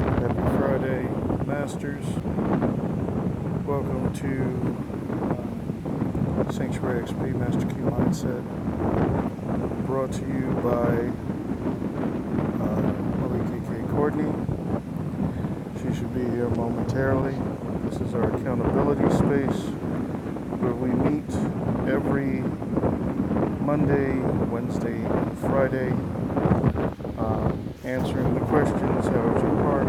Happy Friday, Masters. Welcome to uh, Sanctuary XP Master Key Mindset, brought to you by uh, Malika K. Courtney. She should be here momentarily. This is our accountability space where we meet every Monday, Wednesday, and Friday uh, answering the questions, how is your heart,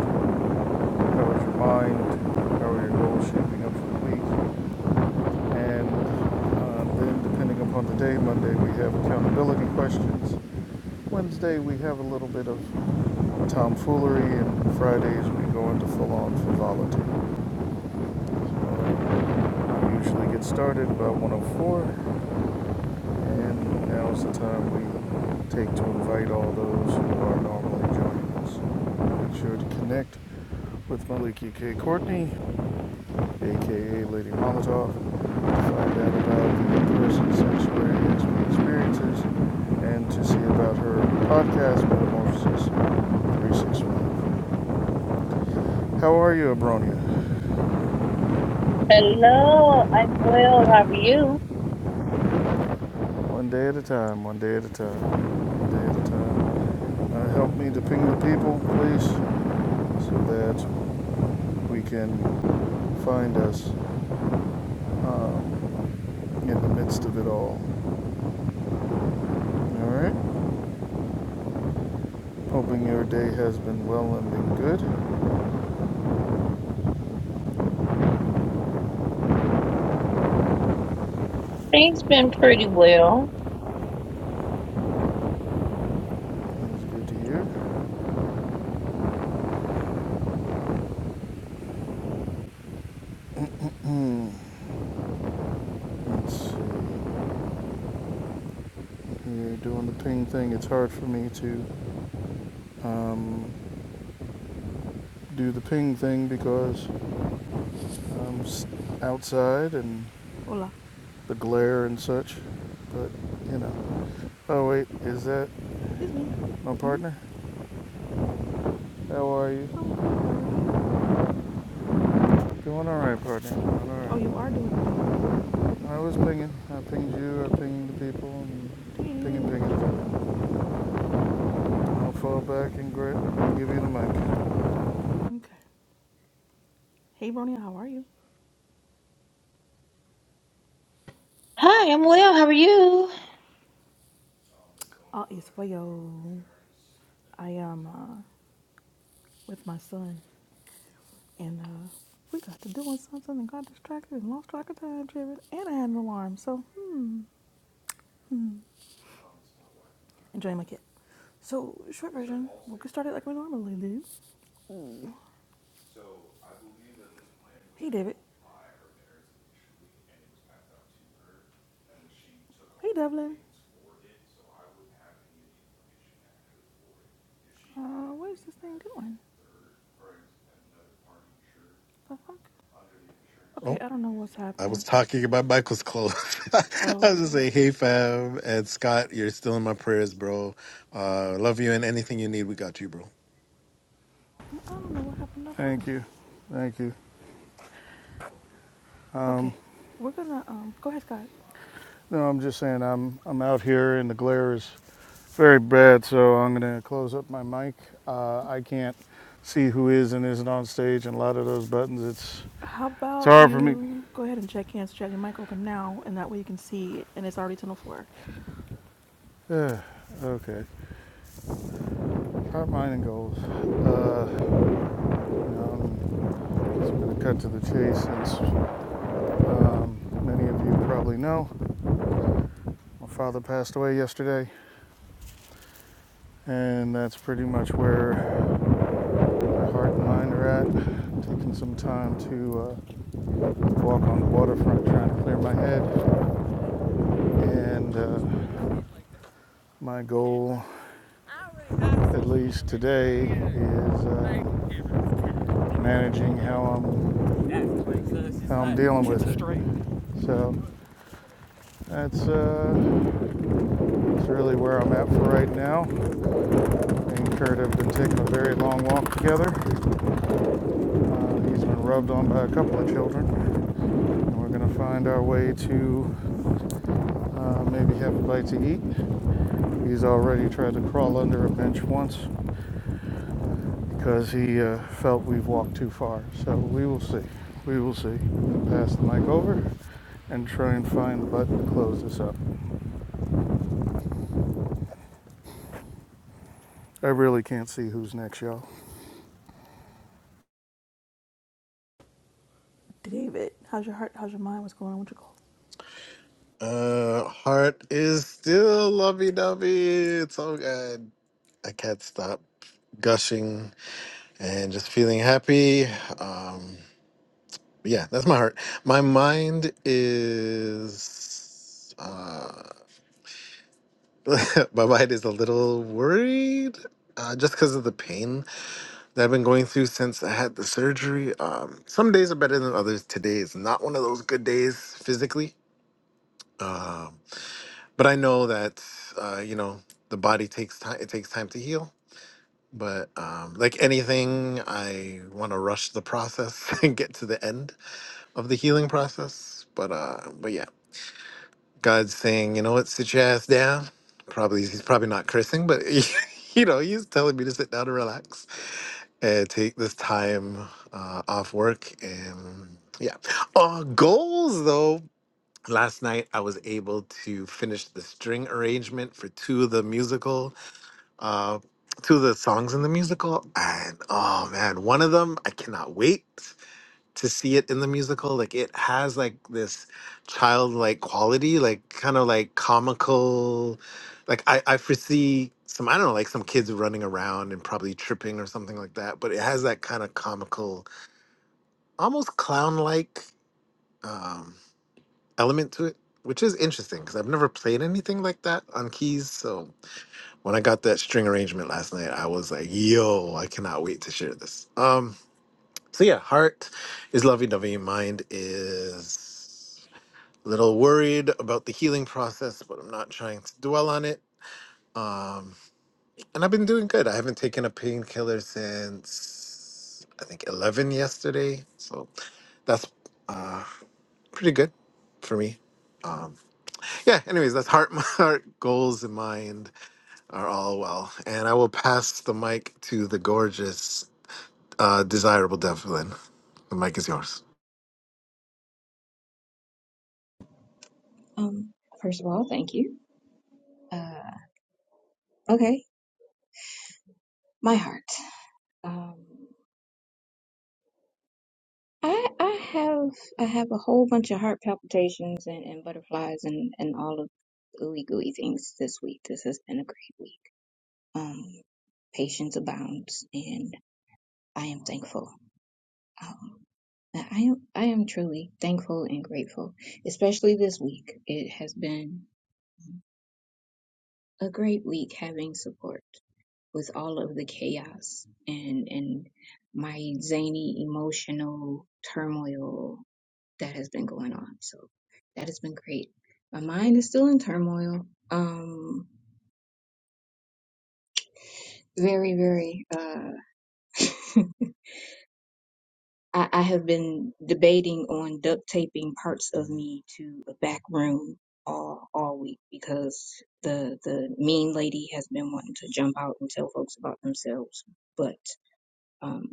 how is your mind, how are your goals shaping up for the week, and uh, then depending upon the day, Monday we have accountability questions, Wednesday we have a little bit of tomfoolery, and Fridays we go into full-on frivolity. So I usually get started about 104 and now's the time we take to invite all those who are normally joining us. Make sure to connect with Maliki K. Courtney, aka Lady Molotov, to find out about the in-person sanctuary experiences and to see about her podcast, Metamorphosis 365. How are you, Abronia? Hello, I'm well. How are you? One day at a time, one day at a time, one day at a time. Uh, help me to ping the people, please, so that we can find us um, in the midst of it all. All right? Hoping your day has been well and been good. Things been pretty well. That was good to hear. Let's see. You're doing the ping thing. It's hard for me to um, do the ping thing because um, outside and Hola, the glare and such. But you know. Oh wait, is that it's me. my hmm partner? How are you? I'm good. How are you? Doing all right, partner. Doing Oh, you are all doing the ping thing. right. I was pinging. I pinged you. I pinged the people. And pinging, Ding, pinging. true. I'll fall back and grab and give you the mic. Okay. Hey, Bronya, how are you? Hi, I'm well. How are you? All is well. I am uh, with my son, and uh, we got to doing something and got distracted and lost track of time, driven, and I had an alarm. So, hmm, hmm. Enjoying my kid. So, short version, we'll get started like we normally do. Ooh. Hey, David. Hey, Devlin. Uh, what is this thing doing? The fuck? Okay, Oh, I don't know what's I was happening. talking about Michael's clothes. I Oh, was just okay. saying, hey fam and Scott, you're still in my prayers, bro. Uh love you and anything you need, we got you, bro. I I don't know what happened to Brony. Thank you. Thank you. Um, Okay, we're gonna um go ahead, Scott. No, I'm just saying I'm I'm out here and the glare is very bad, so I'm gonna close up my mic. Uh, I can't see who is and isn't on stage, and a lot of those buttons. It's How it's about hard for me. you go ahead and check hands, check your mic open now, and that way you can see it, and it's already 10:04. Ugh, okay, heart, mind, and goals. Uh, um, so I'm just gonna cut to the chase since um, many of you probably know my father passed away yesterday, and that's pretty much where my heart and mind are at. Taking some time to. Uh, walk on the waterfront trying to clear my head. And uh, my goal, at least today, is uh, managing how I'm, how I'm dealing with it. So that's, uh, that's really where I'm at for right now. Me and Kurt have been taking a very long walk together. Uh, he's been rubbed on by a couple of children. And we're going to find our way to uh, maybe have a bite to eat He's already tried to crawl under a bench once because he uh, felt we've walked too far. So we will see. We will see. I'll pass the mic over and try and find the button to close this up. I really can't see who's next, y'all. David, how's your heart? How's your mind? What's going on with your goals? Uh heart is still lovey dovey. It's all good. I can't stop gushing and just feeling happy. Um yeah, that's my heart. My mind is uh my mind is a little worried uh, just because of the pain that I've been going through since I had the surgery. Um, some days are better than others. Today is not one of those good days physically, um, but I know that uh, you know the body takes time. It takes time to heal. But um, like anything, I want to rush the process and get to the end of the healing process. But uh, but yeah, God's saying, you know what, sit your ass down. Probably he's probably not cursing, but you know he's telling me to sit down and relax and take this time uh, off work and yeah uh goals though last night i was able to finish the string arrangement for two of the musical uh two of the songs in the musical and oh man one of them i cannot wait to see it in the musical like it has like this childlike quality like kind of like comical like I, I foresee some i don't know like some kids running around and probably tripping or something like that but it has that kind of comical almost clown-like um, element to it which is interesting because i've never played anything like that on keys so when i got that string arrangement last night i was like yo i cannot wait to share this Um, so yeah, heart is lovey dovey. Mind is a little worried about the healing process, but I'm not trying to dwell on it. Um, and I've been doing good. I haven't taken a painkiller since I think 11 yesterday. So that's uh, pretty good for me. Um, yeah, anyways, that's heart, heart, goals, and mind are all well. And I will pass the mic to the gorgeous, uh, desirable Devlin. The mic is yours. Um, first of all, thank you. Uh, okay, my heart. Um, I I have I have a whole bunch of heart palpitations and, and butterflies and and all of the ooey gooey things this week. This has been a great week. Um, patience abounds, and I am thankful. Um, I I am I am truly thankful and grateful, especially this week. It has been a great week having support. with all of the chaos and and my zany emotional turmoil that has been going on. So that has been great. My mind is still in turmoil. Um, very, very. Uh, I, I have been debating on duct taping parts of me to a back room all all week because the the mean lady has been wanting to jump out and tell folks about themselves. But um,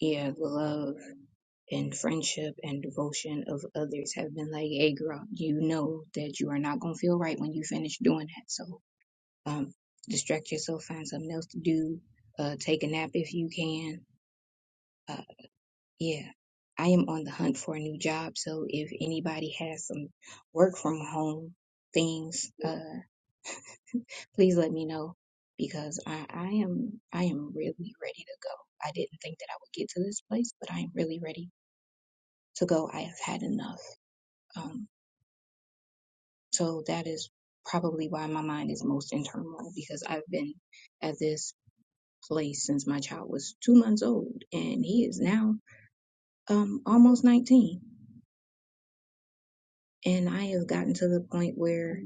yeah, the love. and friendship and devotion of others have been like, hey, girl, you know that you are not going to feel right when you finish doing that. So um, distract yourself, find something else to do, uh, take a nap if you can. Uh, yeah. I am on the hunt for a new job. So if anybody has some work from home things, uh, please let me know because I, I am I am really ready to go. I didn't think that I would get to this place, but I am really ready to go. I have had enough. Um, So that is probably why my mind is most in turmoil because I've been at this place since my child was two months old and he is now um almost 19. And I have gotten to the point where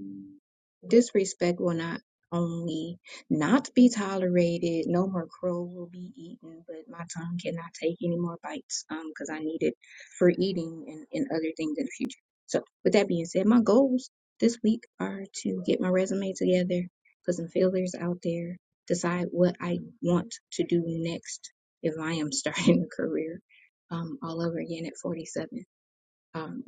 Disrespect will not only not be tolerated, no more crow will be eaten, but my tongue cannot take any more bites um because I need it for eating and, and other things in the future. So with that being said, my goals this week are to get my resume together, put some feelers out there, decide what I want to do next if I am starting a career um all over again at 47 um,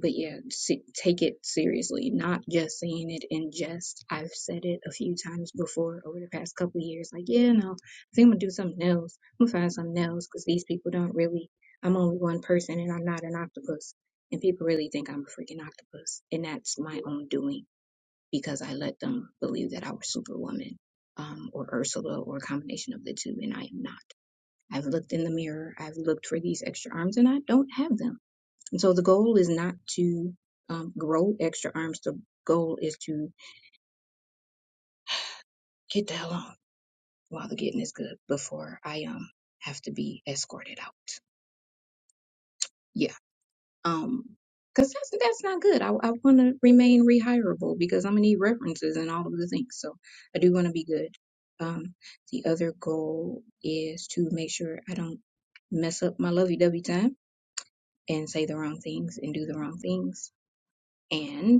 but yeah, se- take it seriously, not just saying it in jest. I've said it a few times before over the past couple of years. Like, yeah, no, I think I'm gonna do something else. I'm gonna find something else because these people don't really. I'm only one person, and I'm not an octopus. And people really think I'm a freaking octopus, and that's my own doing because I let them believe that I was Superwoman, um, or Ursula, or a combination of the two, and I am not. I've looked in the mirror. I've looked for these extra arms, and I don't have them. And so the goal is not to um, grow extra arms. The goal is to get the hell on while the getting is good before I um have to be escorted out. Yeah. Um, cause that's that's not good. I I want to remain rehirable because I'm gonna need references and all of the things. So I do want to be good. Um, the other goal is to make sure I don't mess up my lovey-dovey time and say the wrong things and do the wrong things. and.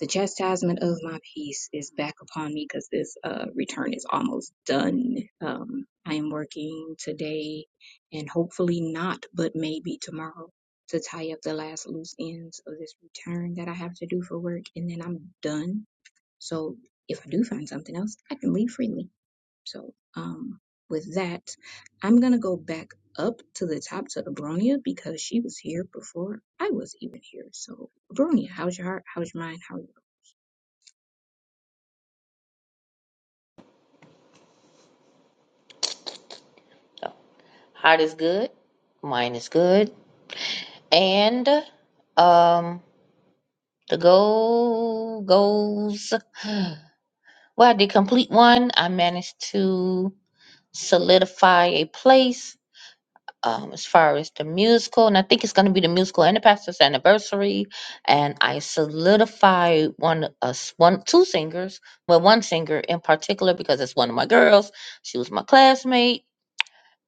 the chastisement of my peace is back upon me because this uh, return is almost done. Um, I am working today and hopefully not, but maybe tomorrow to tie up the last loose ends of this return that I have to do for work, and then I'm done. So if I do find something else, I can leave freely. So um, with that, I'm gonna go back up to the top to Abronia because she was here before I was even here. So Abronia, how's your heart? How's your mind? How are you? Heart is good. Mine is good. And um the goal goals well, I did complete one. I managed to solidify a place um, as far as the musical, and I think it's going to be the musical and the pastor's anniversary. And I solidified one us one two singers, well, one singer in particular because it's one of my girls. She was my classmate,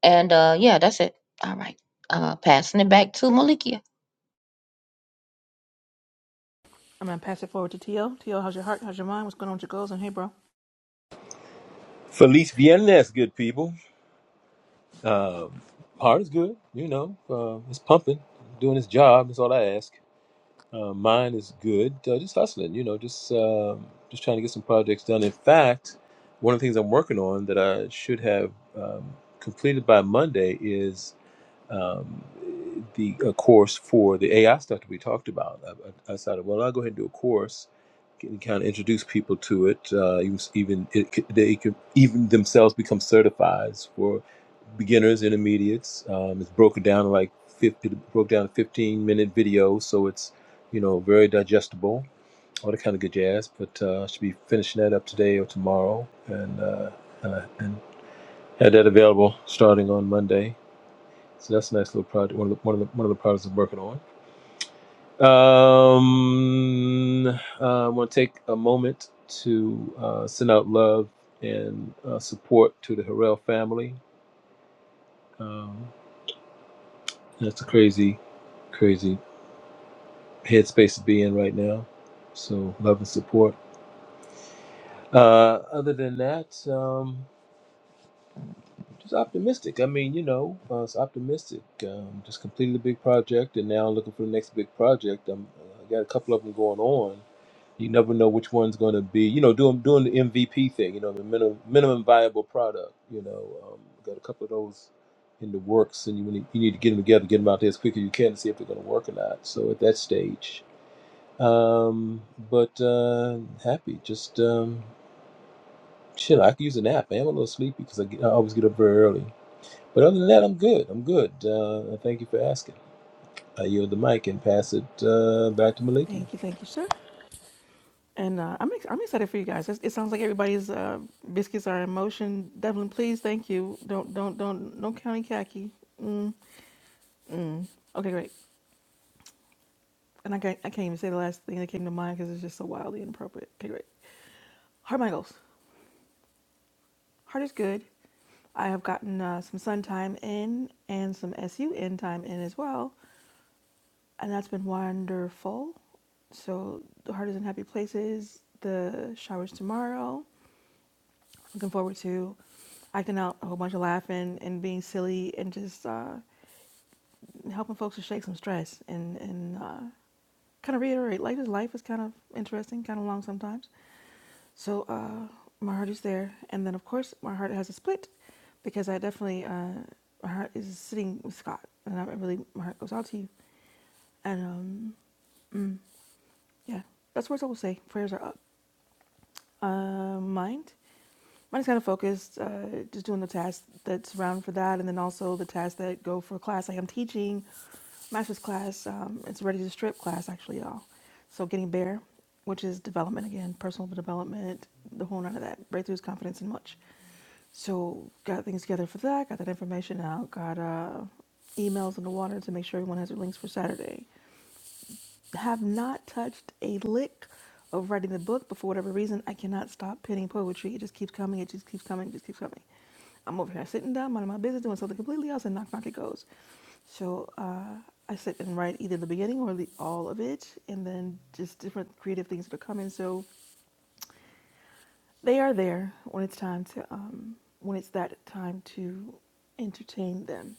and uh, yeah, that's it. All right, uh, passing it back to Malikia. I'm gonna pass it forward to Tio. how's your heart? How's your mind? What's going on with your goals? And hey, bro. Feliz Viernes, good people. Heart is good, you know. Uh, it's pumping, doing its job. That's all I ask. Uh, mine is good. Uh, just hustling, you know. Just uh, just trying to get some projects done. In fact, one of the things I'm working on that I should have um, completed by Monday is um, the a course for the AI stuff that we talked about. I, I I decided, well, I'll go ahead and do a course can kind of introduce people to it. Uh, even even it, c- they can even themselves become certified beginners, intermediates. Um, it's broken down to like 50, it broke down to 15 minute videos, so it's you know very digestible, all that kind of good jazz. But uh, I should be finishing that up today or tomorrow, and uh, uh, and had that available starting on Monday. So that's a nice little project. One of the one of the one of the projects I'm working on. Um, uh, I want to take a moment to uh, send out love and uh, support to the Harrell family. Um, That's a crazy, crazy headspace to be in right now. So love and support. Uh, other than that, um, just optimistic. I mean, you know, I was optimistic. Um, just completed a big project, and now looking for the next big project. I'm, uh, I got a couple of them going on. You never know which one's going to be. You know, doing doing the MVP thing. You know, the minimum minimum viable product. You know, um, got a couple of those in the works, and you need you need to get them together, get them out there as quick as you can to see if they're going to work or not. So at that stage, Um, but uh, happy. Just um, shit. I could use a nap. Man. I'm a little sleepy because I, get- I always get up very early. But other than that, I'm good. I'm good. Uh, thank you for asking. I yield the mic and pass it uh, back to Maliki. Thank you, thank you, sir. And uh, I'm ex- I'm excited for you guys. It's, it sounds like everybody's uh, biscuits are in motion. Devlin, please, thank you. Don't don't don't don't count any khaki. Mm, mm. Okay, great. And I can't, I can't even say the last thing that came to mind because it's just so wildly inappropriate. Okay, great. Heart my goals. Heart is good. I have gotten uh, some sun time in and some SUN time in as well. And that's been wonderful. So the heart is in happy places. The showers tomorrow. Looking forward to acting out a whole bunch of laughing and being silly and just uh, helping folks to shake some stress and and uh, kind of reiterate life is life is kind of interesting, kind of long sometimes. So uh, my heart is there, and then of course my heart has a split because I definitely uh, my heart is sitting with Scott, and I really my heart goes out to you. And um, mm, yeah, that's words I will say. Prayers are up. Uh, mind, mind is kind of focused, uh, just doing the tasks that's around for that, and then also the tasks that go for class. Like I'm teaching master's class. Um, it's ready to strip class actually, y'all. So getting bare, which is development again, personal development, the whole none of that, breakthroughs, confidence, and much. So got things together for that, got that information out, got uh, emails in the water to make sure everyone has their links for Saturday. Have not touched a lick of writing the book, but for whatever reason, I cannot stop penning poetry. It just keeps coming, it just keeps coming, it just keeps coming. I'm over here sitting down, minding my business, doing something completely else, and knock, knock, it goes. So uh, I sit and write either the beginning or the all of it, and then just different creative things that are coming. So they are there when it's time to, um, when it's that time to entertain them.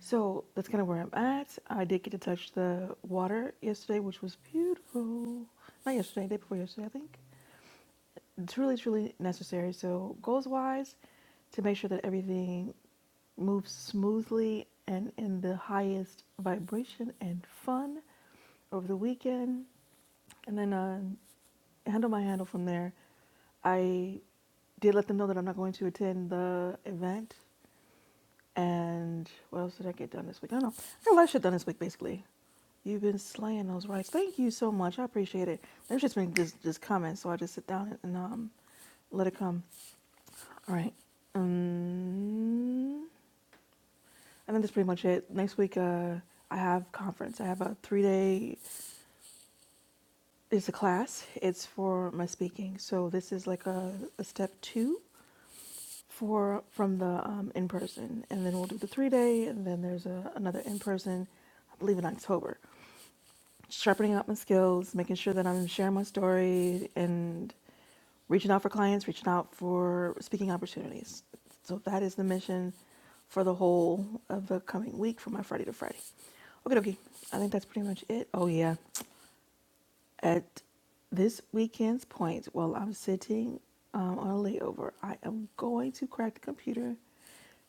So that's kind of where I'm at. I did get to touch the water yesterday, which was beautiful. Not yesterday, day before yesterday, I think. Truly, truly necessary. So goals wise, to make sure that everything moves smoothly and in the highest vibration and fun over the weekend. And then uh, handle my handle from there. I did let them know that I'm not going to attend the event. And what else did I get done this week? I don't know. I got a lot of shit done this week, basically. You've been slaying those rights. Thank you so much. I appreciate it. There's just been just, just comments, so I just sit down and um, let it come. All right. Um, I think that's pretty much it. Next week, uh, I have conference. I have a three day. It's a class. It's for my speaking. So this is like a, a step two for from the um, in person, and then we'll do the three day, and then there's a, another in person, I believe in October. Sharpening up my skills, making sure that I'm sharing my story, and reaching out for clients, reaching out for speaking opportunities. So that is the mission for the whole of the coming week from my Friday to Friday. Okay, okay. I think that's pretty much it. Oh yeah. At this weekend's point, while I'm sitting um, on a layover, I am going to crack the computer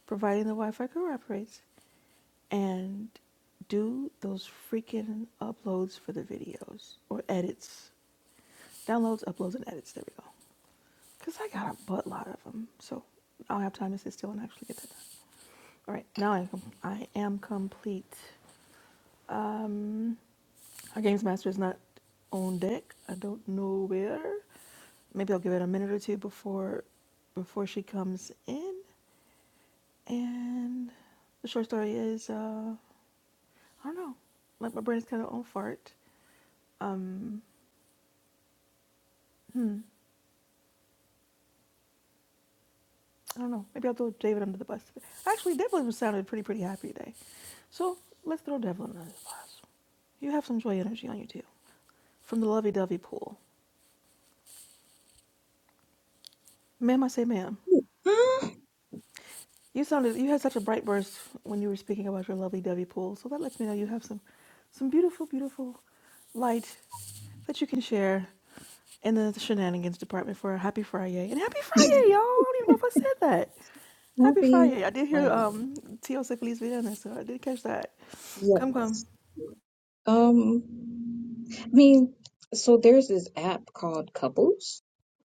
providing the Wi Fi cooperates, and do those freaking uploads for the videos or edits, downloads, uploads, and edits. There we go. Because I got a buttload of them. So I'll have time to sit still and actually get that done. All right, now I am, com- I am complete. Um, our games master is not on deck. I don't know where. Maybe I'll give it a minute or two before before she comes in. And the short story is. Uh, I don't know. Like my brain's kind of on fart. Um, hmm, I don't know. Maybe I'll throw David under the bus. Actually, Devlin sounded pretty pretty happy today, so let's throw Devlin under the bus. You have some joy energy on you too, from the lovey-dovey pool. Ma'am, I say ma'am. Uh, You sounded you had such a bright burst when you were speaking about your lovely Debbie pool. So that lets me know you have some some beautiful, beautiful light that you can share in the shenanigans department for a happy Friday. And happy Friday, y'all. I don't even know if I said that. Happy movie. Friday. I did hear Oh, yeah. um T.O. say Feliz Viernes, so I did catch that. Come Yeah. come. Um, I mean, so there's this app called Couples,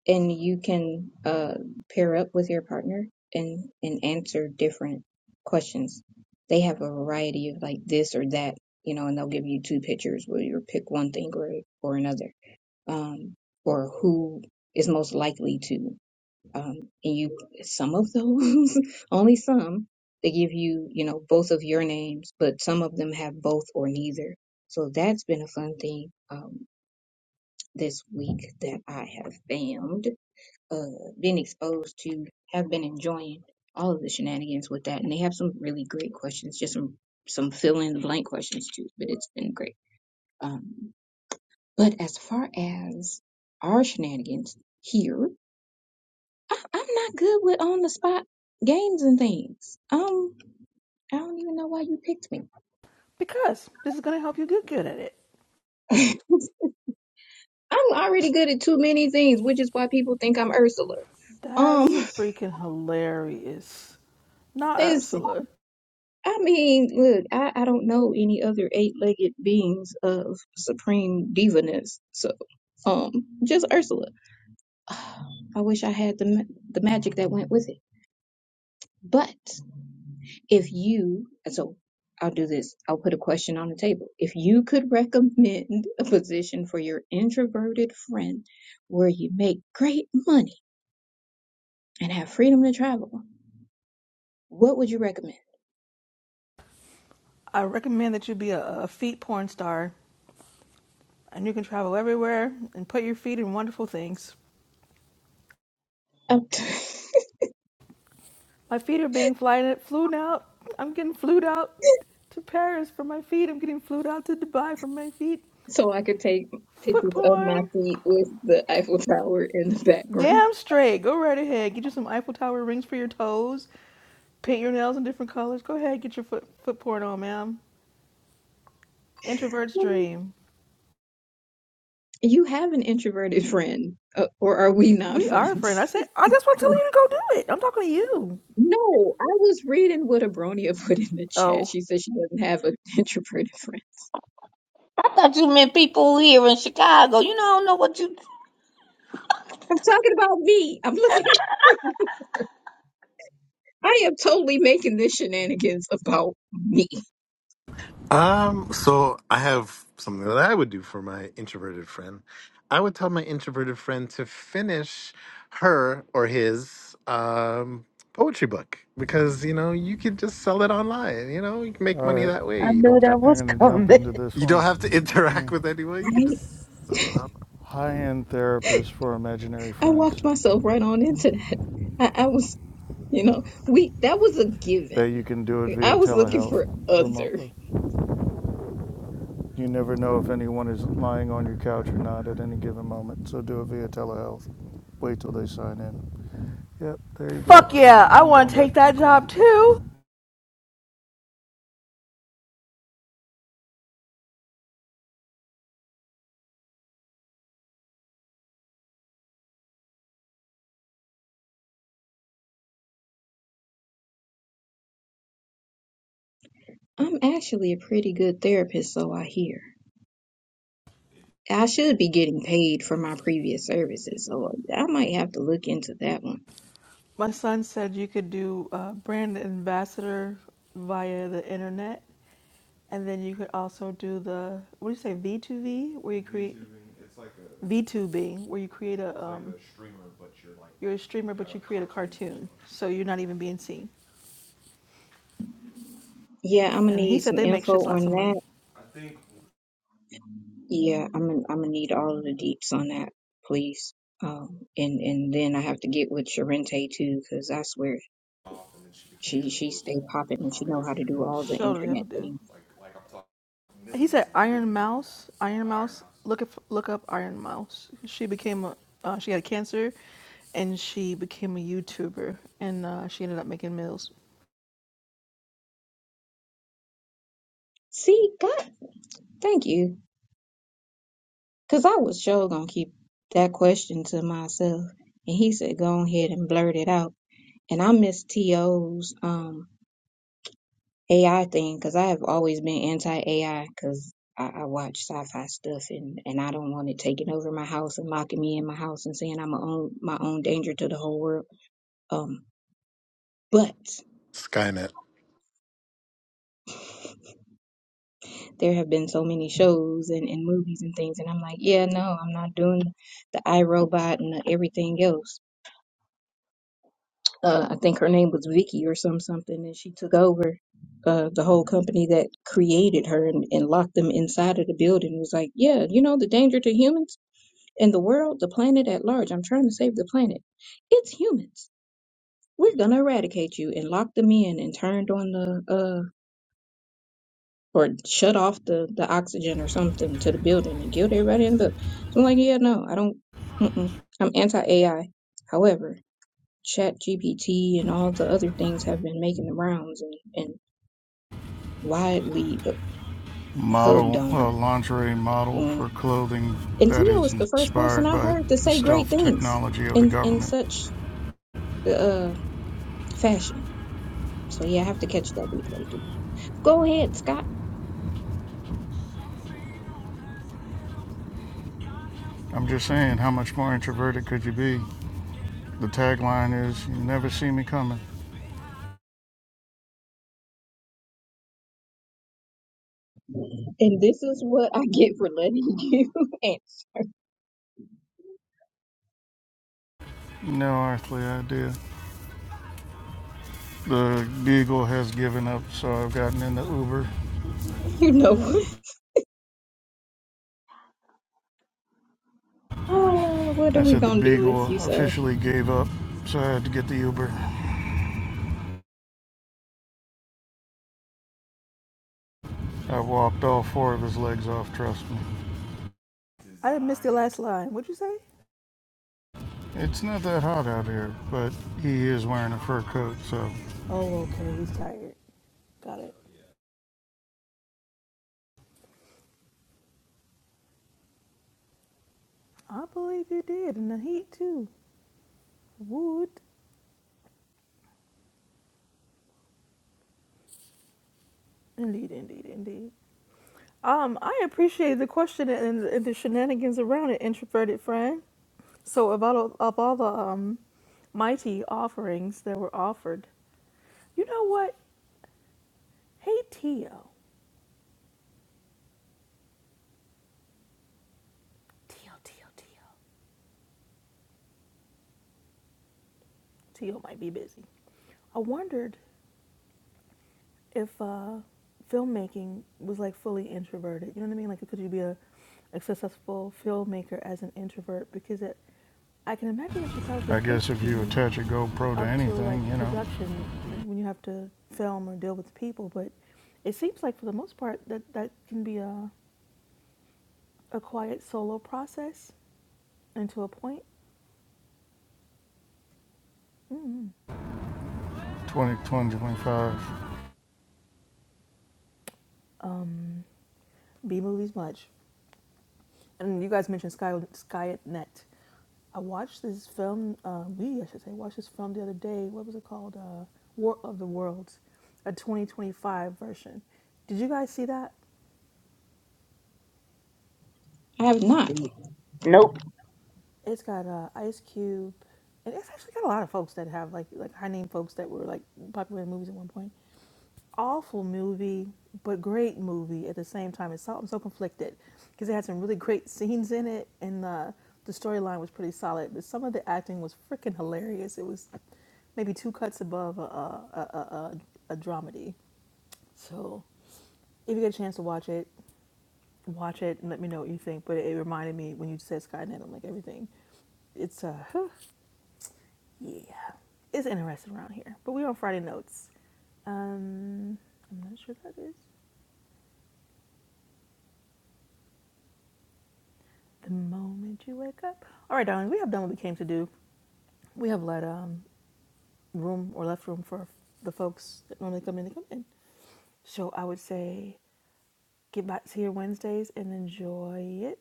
and you can uh pair up with your partner and and answer different questions. They have a variety of like this or that, you know, and they'll give you two pictures where you pick one thing or or another, um, or who is most likely to. um, and you some of those only some they give you you know both of your names but some of them have both or neither so that's been a fun thing um, this week that i have found uh, been exposed to have been enjoying all of the shenanigans with that and they have some really great questions just some some fill in the blank questions too but it's been great um, but as far as our shenanigans here I, I'm not good with on the spot games and things. Um, I don't even know why you picked me. Because this is gonna help you get good at it. I'm already good at too many things, which is why people think I'm Ursula. Um, That's freaking hilarious. Not listen, Ursula. I mean, look, I, I don't know any other eight-legged beings of supreme divaness, so um, just Ursula. I wish I had the ma- the magic that went with it, but. If you, so I'll do this, I'll put a question on the table. If you could recommend a position for your introverted friend where you make great money and have freedom to travel, what would you recommend? I recommend that you be a, a feet porn star and you can travel everywhere and put your feet in wonderful things. Um, My feet are being flying flown out. I'm getting flued out to Paris for my feet. I'm getting flued out to Dubai for my feet. so I could take Foot pictures of my porn. feet with the Eiffel Tower in the background. Damn straight. Go right ahead. Get you some Eiffel Tower rings for your toes. Paint your nails in different colors. Go ahead. Get your foot foot porn on, ma'am. Introvert's dream. You have an introverted friend, uh, or are we not We are a friend. friends? I said I just want to tell you to go do it. I'm talking to you. No, I was reading what Abronia put in the chat. Oh. She said she doesn't have an introverted friend. I thought you meant people here in Chicago. You know, I don't know what you. I'm talking about me. I'm looking for new work. I am totally making this shenanigans about me. Um, so I have something that I would do for my introverted friend. I would tell my introverted friend to finish her or his um poetry book because you know you could just sell it online, you know, you can make All money right, that way. You don't got I'm going to jump into this you don't one. have to interact Mm. with anyone, you I, can just sell it online. High-end therapist for imaginary I friends. walked myself right on into that. I, I was, you know, we that was a That you given. can do it I via was looking telehealth for other. remotely. You never know if anyone is lying on your couch or not at any given moment, so do it via telehealth. Wait till they sign in. Yep, there you go. Fuck yeah. Now I I'm want going to back take to my that corner. job too. I'm actually a pretty good therapist, so I hear. I should be getting paid for my previous services, so I might have to look into that one. My son said you could do uh, brand ambassador via the internet, and then you could also do the what do you say V two V, where you create V two B, where you create a um, like a streamer, but you're like you're a streamer but you create a cartoon, so you're not even being seen. Yeah, I'm gonna And he need said some they make info shits lots on of that. money. Yeah, I'm gonna I'm gonna need all of the deeps on that, please. Um, and and then I have to get with Sharente too, cause I swear she she stay popping and she know Popular how to do streaming all world. the Sure the hell internet do. things. He said Iron Mouse. Iron Mouse. Look up. Look up Iron Mouse. She became a. Uh, she had cancer, and she became a YouTuber, and uh, she ended up making meals. See, God, thank you, cause I was sure gonna keep that question to myself. And he said, go ahead and blurt it out. And I miss To's um AI thing because I have always been anti AI because I, I watch sci-fi stuff and and I don't want it taking over my house and locking me in my house and saying I'm my own my own danger to the whole world. Um, but Skynet. there have been so many shows and, and movies and things, and I'm like, yeah, no, I'm not doing the iRobot and the everything else. Uh, I think her name was Vicky or some something, and she took over uh, the whole company that created her and, and locked them inside of the building. It was like, yeah, you know, the danger to humans and the world, the planet at large. I'm trying to save the planet. It's humans. We're gonna eradicate you and lock them in and turned on the uh or shut off the the oxygen or something to the building and killed everybody in the building. So I'm like, yeah, no, I don't. Mm-mm. I'm anti AI. However, Chat GPT and all the other things have been making the rounds and and widely uh, hugged Model, uh, on. lingerie model Mm. for clothing And that Tia is was the first person inspired I by heard to the say great stealth things technology of the in in government. such uh fashion So yeah, I have to catch that replay too. Go ahead, Scott. I'm just saying, how much more introverted could you be? The tagline is, You never see me coming. And this is what I get for letting you answer. No earthly idea. The Beagle has given up, so I've gotten in the Uber. You know what? Ah, what are I we said the gonna do with beagle you, sir? officially gave up, so I had to get the Uber. I walked all four of his legs off, trust me. I didn't miss the last line. What'd you say? It's not that hot out here, but he is wearing a fur coat, so Oh, okay. He's tired. Got it. I believe you did in the heat too. Would indeed, indeed, indeed. Um, I appreciate the question and, and the shenanigans around it, introverted friend. So, of all of all the um, mighty offerings that were offered, you know what? Hey, Tio. Tio, Tio, Tio. Tio might be busy. I wondered if uh, filmmaking was like fully introverted. You know what I mean? Like, could you be a, a successful filmmaker as an introvert? Because it, I can imagine that you probably I could guess if you be attach a GoPro to up to like anything, you know, production like, when you have to film or deal with people. But it seems like for the most part that that can be a, a quiet solo process and to a point. mm twenty, twenty, twenty-five. Um, B movies much. and you guys mentioned Sky Skynet. I watched this film. Uh, we, I should say, watched this film the other day. What was it called? Uh, War of the Worlds, a 2025 version. Did you guys see that? I have not. Mm, Nope. It's got uh, Ice Cube, and it's actually got a lot of folks that have like like high name folks that were like popular in movies at one point. awful movie, but great movie at the same time. It's so, I'm so conflicted because it had some really great scenes in it, and uh, the storyline was pretty solid. But some of the acting was freaking hilarious. It was maybe two cuts above a a, a, a, a dramedy. So if you get a chance to watch it, watch it and let me know what you think. But it reminded me when you said Skynet, I'm like everything. It's uh, yeah, it's interesting around here. But we're on Friday notes. Um, I'm not sure that is. The moment you wake up. All right, darling, we have done what we came to do. We have let um, room or left room for the folks that normally come in to come in. So I would say get back to your Wednesdays and enjoy it.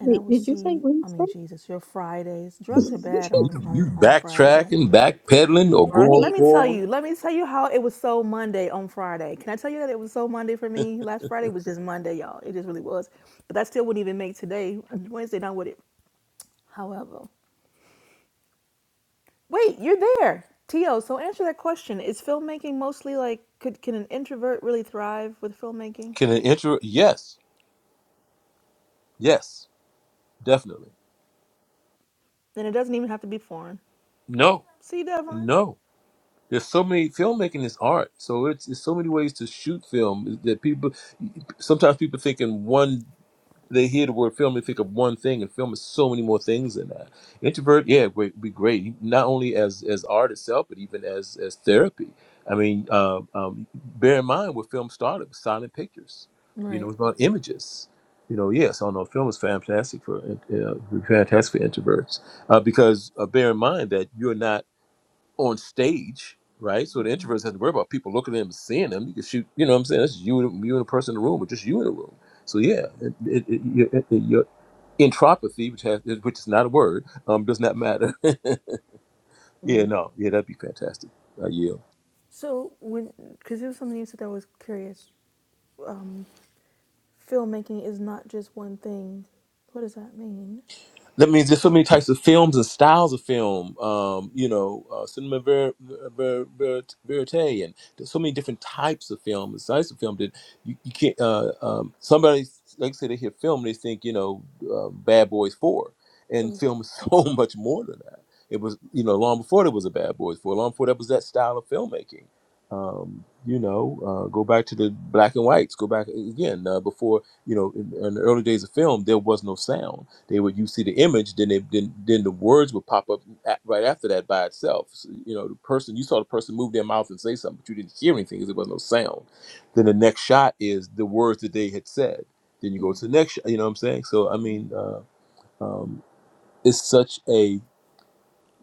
And I Wait, will did you say see, I mean, Wednesday? Jesus, your Fridays. Drugs are bad You, on, you on, on a Friday, don't backtracking, worry. backpedaling, or going Let right. me tell forward? you, let me tell you how it was so Monday on Friday. Can I tell you that it was so Monday for me? Last Friday was just Monday, y'all. It just really was. But that still wouldn't even make today, Wednesday, not would it? However, Wait, you're there. Tio, so answer that question. Is filmmaking mostly like could can an introvert really thrive with filmmaking? Can an intro? Yes, yes, definitely. And it doesn't even have to be foreign. No, See, Devon? no. There's so many filmmaking is art, so it's, it's so many ways to shoot film that people. Sometimes people think in one. they hear the word film, they think of one thing, and film is so many more things than that. Introvert, yeah, would be great, not only as as art itself, but even as as therapy. I mean, uh, um, bear in mind where film started with silent pictures. You know, Right. it's about images. You know, yes, I know film is fantastic for uh, uh, fantastic for introverts uh, because uh, bear in mind that you're not on stage, right? So the introverts has to worry about people looking at them, and seeing them. You can shoot, you know what I'm saying? That's just you, and- you and a person in the room, or just you in the room. So yeah, it, it, it, your, it, your entropathy, which has, which is not a word, um, does not matter. yeah, no, yeah, that'd be fantastic. I yield. So when because there was something you said that was curious. Um, filmmaking is not just one thing. What does that mean? that means there's so many types of films and styles of film. Um, you know, uh, cinema ver- ver- ver- verite, and there's so many different types of film and types of film that you, you can't. Uh, um, somebody like I say they hear film, they think you know, uh, Bad Boys Four, and Okay. film is so much more than that. It was you know long before there was a Bad Boys Four, long before that was that style of filmmaking. Um, you know, uh, go back to the black and whites. Go back again uh, before you know in, in the early days of film, there was no sound they would you see the image, then they then then the words would pop up at, right after that by itself. So, you know, the person you saw the person move their mouth and say something, but you didn't hear anything because there was no sound. Then the next shot is the words that they had said. Then you go to the next, shot, you know what I'm saying? So I mean, uh, um, it's such a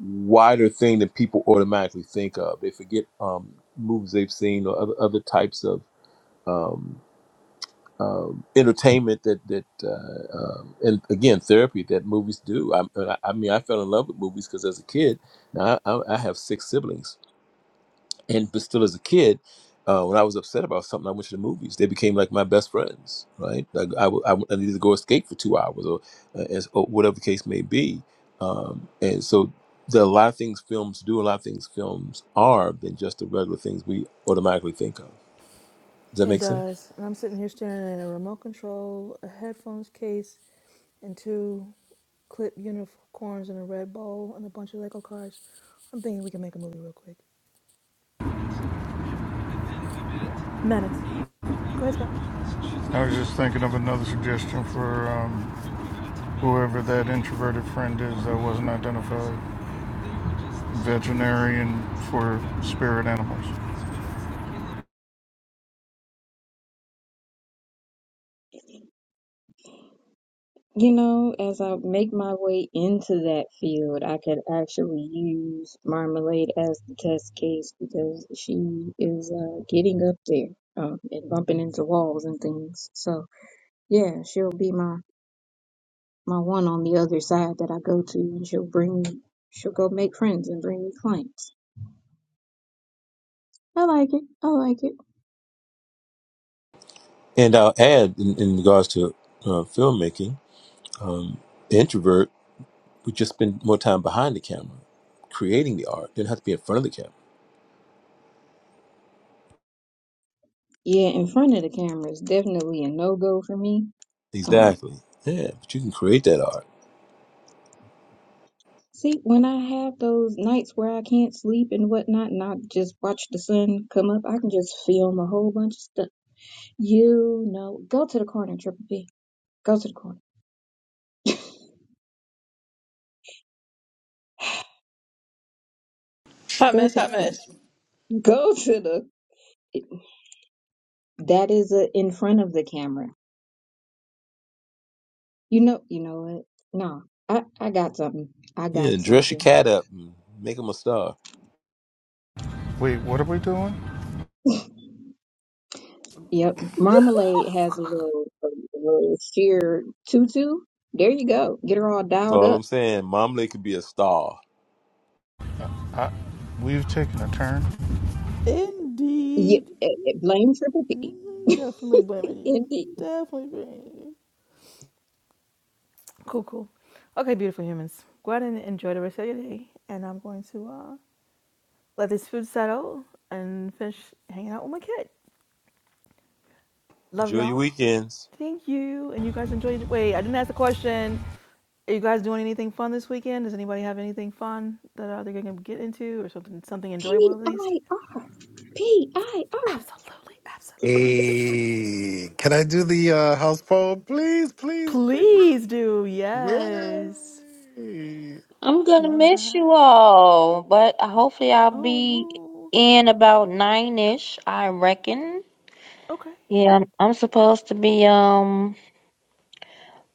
wider thing that people automatically think of. They forget um, movies they've seen or other, other types of. Um, um, entertainment that that uh, um, and again therapy that movies do. I, I I mean, I fell in love with movies because as a kid, now I, I I have six siblings, and but still as a kid, uh, when I was upset about something, I went to the movies. They became like my best friends, right? Like I, w- I w- I needed to go escape for two hours or, uh, as, or whatever the case may be, um, and so. There are a lot of things films do, a lot of things films are than just the regular things we automatically think of. Does that It make sense? does. And I'm sitting here staring at a remote control, a headphones case, and two clip unicorns in a red bowl and a bunch of Lego cards. I'm thinking we can make a movie real quick. Menace. Go ahead, Scott. I was just thinking of another suggestion for um, whoever that introverted friend is that wasn't identified. Veterinarian for spirit animals. You know, as I make my way into that field, I could actually use Marmalade as the test case because she is uh, getting up there um, and bumping into walls and things. So yeah, she'll be my my one on the other side that I go to, and she'll bring me, she'll go make friends and bring me clients. I like it. I like it. And I'll add, in, in regards to uh, filmmaking, the introvert would just spend more time behind the camera, creating the art. Didn't have to be in front of the camera. Yeah, in front of the camera is definitely a no go for me. Um, Exactly. Yeah, but you can create that art. see, when I have those nights where I can't sleep and whatnot, and I just watch the sun come up, I can just film a whole bunch of stuff. You know, go to the corner, Triple P. Go to the corner. Hot Go mess, to the hot corner. mess. Go to the. That is a in front of the camera. You know, you know what? No, I I got something. I Yeah, got dress your something. cat up and make him a star. Wait, what are we doing? Yep, Marmalade has a little, a little sheer tutu. There you go. Get her all That's dialed all up. I'm saying. Mom Lee could be a star. I, we've taken a turn. Yeah, Indeed. blame Triple Mm, P. Definitely blaming you. Indeed. Definitely blaming you. Cool, cool. Okay, beautiful humans. Go out and enjoy the rest of your day. And I'm going to uh, let this food settle and finish hanging out with my kid. Love Enjoy your y'all. weekends. Thank you. And you guys enjoyed. Wait, I didn't ask the question. Are you guys doing anything fun this weekend? Does anybody have anything fun that uh, they're going to get into or something something enjoyable P at least? I R P I R Absolutely. Absolutely. Hey, can I do the uh house poem? Please, please, please. Please do. Yes. Yay. I'm gonna Love miss you that. all, but hopefully I'll Oh, be woo. in about nine ish. I reckon. Okay. Yeah, I'm, I'm supposed to be um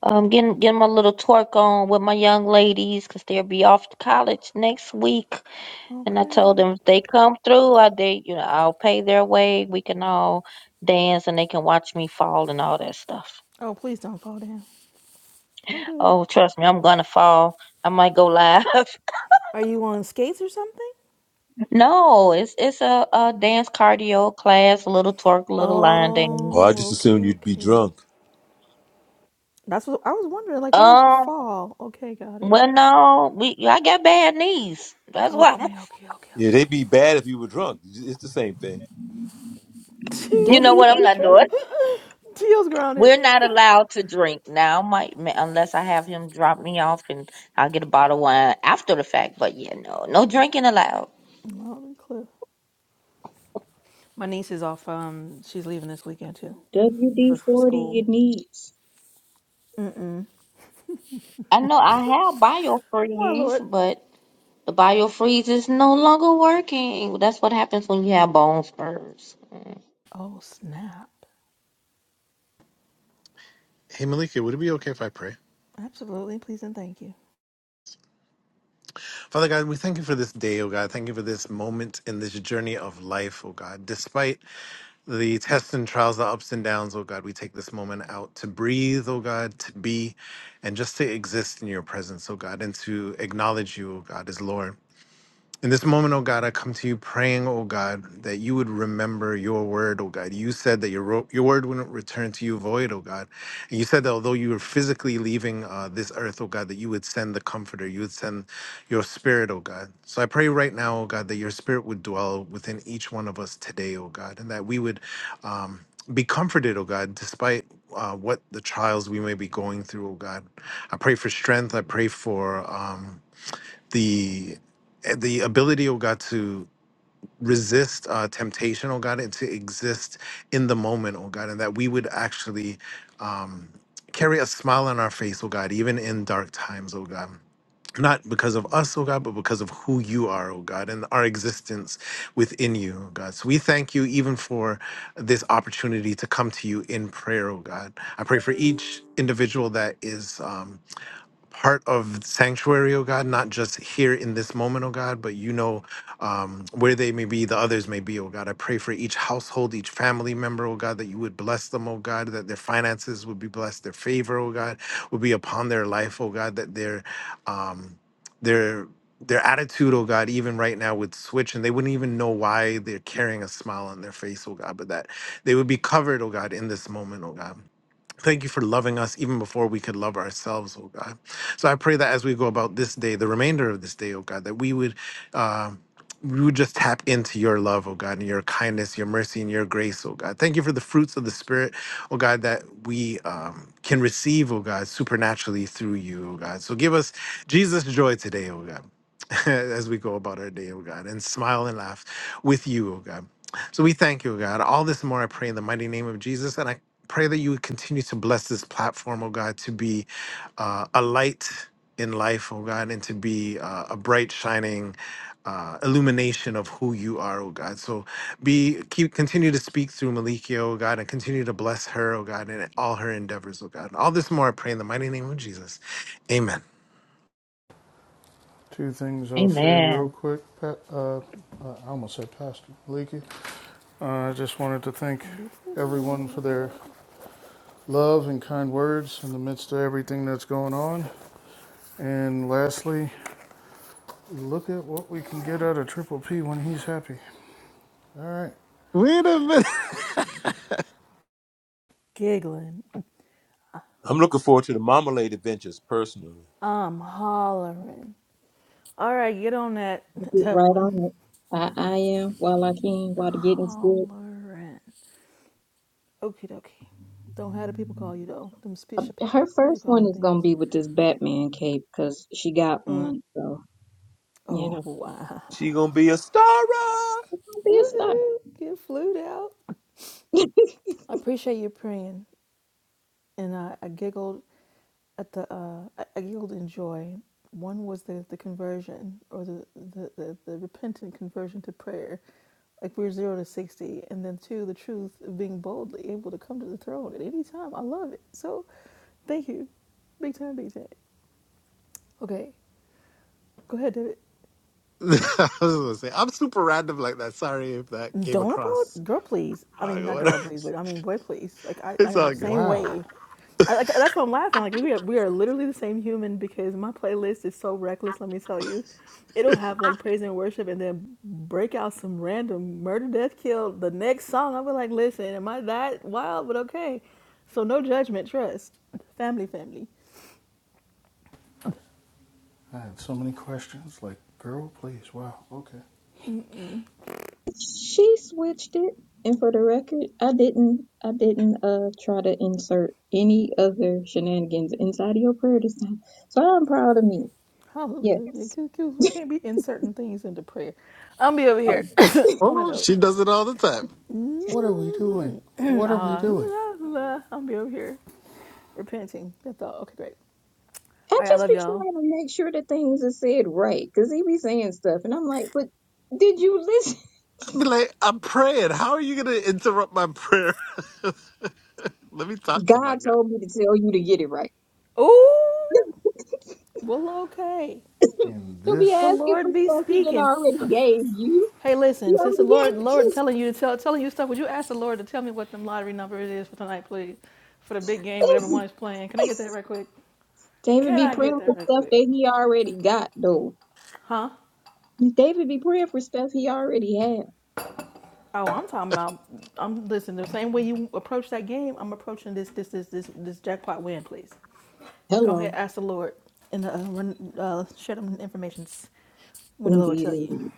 um getting getting my little twerk on with my young ladies 'cause they'll be off to college next week. And I told Okay. them if they come through, I they you know I'll pay their way. We can all dance and they can watch me fall and all that stuff. Oh, please don't fall down. Don't do it. Oh, trust me, I'm gonna fall. I might go live. Are you on skates or something? no, it's it's a, a dance cardio class, a little twerk, a little line Or I dance. Oh, just okay, assumed you'd be okay. drunk. That's what I was wondering. Like, why would you Um, fall? Okay, got it. well, no, we I got bad knees. That's why I'm Okay, okay, okay, Yeah, they'd be bad if you were drunk. It's the same thing. you W know okay. what? I'm That's D not true. doing. forty. Teal's grounded. We're not allowed to drink now, my ma- unless I have him drop me off and I'll get a bottle of wine after the fact. But yeah, no, no drinking allowed. Loud and clear. My niece is off. Um, she's leaving this weekend too WD for, for forty school. your needs. Mm-mm. I know I have Why, Lord? biofreeze, but the biofreeze is no longer working. That's what happens when you have bone spurs. Oh, snap. Hey Malika, would it be okay if I pray? Absolutely. Please and thank you. Father God, we thank you for this day, oh God. Thank you for this moment in this journey of life, oh God. Despite the tests and trials, the ups and downs, oh God, we take this moment out to breathe, oh God, to be, and just to exist in your presence, oh God, and to acknowledge you, oh God, as Lord. In this moment, oh God, I come to you praying, oh God, that you would remember your word, oh God. You said that your, ro- your word wouldn't return to you void, oh God. And you said that although you were physically leaving uh, this earth, oh God, that you would send the comforter, you would send your spirit, oh God. So I pray right now, oh God, that your spirit would dwell within each one of us today, oh God, and that we would um, be comforted, oh God, despite uh, what the trials we may be going through, oh God. I pray for strength. I pray for. Um, the eh, the ability, oh God, to resist uh, temptation, oh God, and to exist in the moment, oh God, and that we would actually um, carry a smile on our face, oh God, even in dark times, oh God. Not because of us, oh God, but because of who you are, oh God, and our existence within you, oh God. So we thank you even for this opportunity to come to you in prayer, oh God. I pray for each individual that is. um, part of sanctuary, O God, not just here in this moment, O God, but you know um, where they may be, the others may be, O God. I pray for each household, each family member, O God, that you would bless them, O God, that their finances would be blessed, their favor, O God, would be upon their life, O God, that their um, their their attitude, oh God, even right now would switch and they wouldn't even know why they're carrying a smile on their face, oh God, but that they would be covered, oh God, in this moment, oh God Thank you for loving us even before we could love ourselves, oh God. So I pray that as we go about this day, the remainder of this day, oh God, that we would. Uh, we would just tap into your love, oh God, and your kindness, your mercy, and your grace, oh God. Thank you for the fruits of the Spirit, oh God, that we um, can receive, oh God, supernaturally through you, oh God. So give us Jesus' joy today, oh God, as we go about our day, oh God, and smile and laugh with you, oh God. So we thank you, oh God. All this and more I pray in the mighty name of Jesus. And I pray that you would continue to bless this platform, oh God, to be uh, a light in life, oh God, and to be uh, a bright shining uh, illumination of who you are, oh God. So be keep continue to speak through Malikia, oh God, and continue to bless her, oh God, and all her endeavors, oh God. And all this more I pray in the mighty name of Jesus. Amen. Two things I'll say real Amen. quick. Pat, uh, I almost said Pastor Leakey. Uh, I just wanted to thank Don't be putting it on everyone me, for Ricky their Bobby. love and kind words in the midst of everything that's going on. And lastly, look at what we can get out of Triple P when he's happy. All right. Wait a minute. Giggling. I'm looking forward to the Marmalade adventures personally. I'm hollering. All right, get on that, Get right Devlin. on it. I I am while I can while the getting's good. Hollering. Okie dokie. Don't have the people call you, though. Them special Her people. What you first one calling is things? gonna be with this Batman cape because she got Mm. one, so you know, Oh, wow. She gonna be a star. Don't be a star. Woohoo. Get flued out. I appreciate you praying. And I, I giggled at the uh, I I yielded in joy. One was the, the conversion or the, the, the, the repentant conversion to prayer, like we're zero to 60. And then, two, the truth of being boldly able to come to the throne at any time. I love it. So, thank you. Big time, big time. Okay, go ahead, David. I was gonna say I'm super random like that. Sorry if that came Don't across. about girl, please. I mean, wrong not Whatever. girl, please, but I mean, boy, please. Like I, I It's am all the good. same way. Wow. I, like that's why I'm laughing. Like we are, we are literally the same human because my playlist is so reckless. Let me tell you, it'll have like praise and worship, and then break out some random murder, death, kill. The next song, I'll be like, listen, am I that wild? But okay, so no judgment, trust, family, family. I had so many questions. Like, girl, please. Wow. Okay. She switched it, and for the record, I didn't. I didn't uh try to insert any other shenanigans inside of your prayer this time, so I'm proud of me. Hallelujah, Yes. 'cause- 'cause we can't be inserting things into prayer. I'll be over here Oh, on a Oh, note. she does it all the time. What are we doing? Mhm. What are we Ah, doing? I'll be over here repenting. That's all. Okay, great. I All right, I just love be y'all. trying to make sure that things are said right, cause he be saying stuff, and I'm like, but did you listen? I'd be like, I'm praying. How are you going to interrupt my prayer? Let me talk to my God God. told me to tell you to get it right. Ooh, well, okay. And Don't be The this asking for Lord be stuff he done speaking. already gave you. Hey, He listen. Since the already Lord, gave it Lord, telling you to tell, telling you stuff, would you ask the Lord to tell me what the lottery number it is for tonight, please, for the big game, whatever one is playing? Can I get that right quick? David Can be I get praying for that right stuff quick? that he already got, though. Huh? David be praying for stuff he already had. Oh, I'm talking about. I'm listen. The same way you approach that game, I'm approaching this, this, this, this, this jackpot win, please. Go ahead, Hello. ask the Lord, and uh, run, uh, share them informations when the Lord Indeed, tell you. indeed.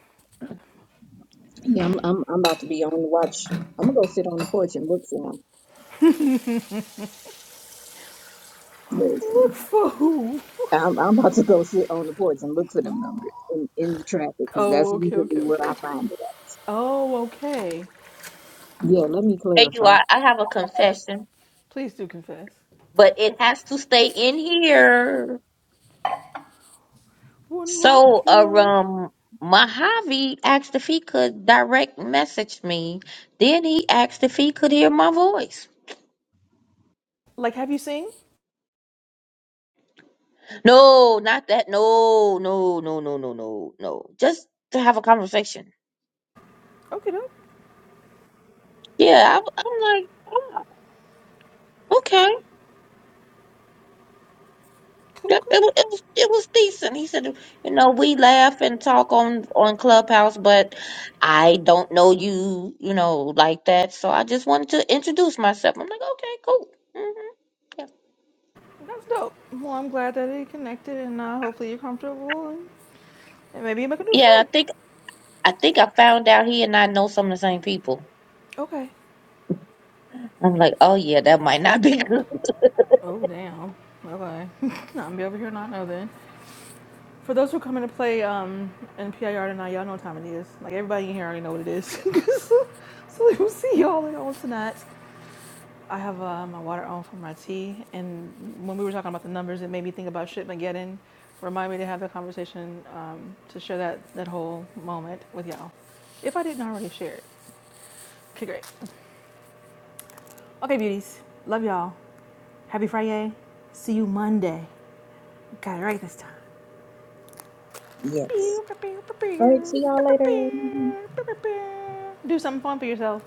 Yeah, I'm I'm I'm about to be on the watch. I'm gonna go sit on the porch and look for them. Look Listen. for who? I'm I'm about to go sit on the porch and look for them numbers in, in the traffic because that's Oh, okay, okay, usually where I okay. find it at. Oh, okay. Yeah, let me Hey, you, clarify. I, I have a confession, Please do confess. but it has to stay in here. One moment, So, uh, please. um, Mojave asked if he could direct message me. Then he asked if he could hear my voice. Like, have you seen? No, not that. No, no, no, no, no, no, no. Just to have a conversation. Okay, dope. Yeah, I, I'm like, oh, okay. Cool, That- cool. It, wa- it was it was decent. He said, you know, we laugh and talk on on Clubhouse, but I don't know you, you know, like that. So I just wanted to introduce myself. I'm like, okay, cool. hmm That's dope. Well, I'm glad that it connected, and uh, hopefully you're comfortable, and, and maybe you make a new Yeah. friend. I think I found out he and I know some of the same people. Okay. I'm like, oh yeah, that might not be good. Oh, damn. Okay. I'm gonna be over here not know then. For those who come in to play um, in PIR tonight, y'all know what time it is. Like everybody in here already know what it is. so we will see y'all in all tonight. I have uh, my water on for my tea, and when we were talking about the numbers, it made me think about Shipmageddon. Remind me to have that conversation um, to share that that whole moment with y'all. If I didn't already share it, okay, great. Okay, beauties, love y'all. Happy Friday. See you Monday. Got it right this time. Yes. All right, see y'all later. Do something fun for yourself.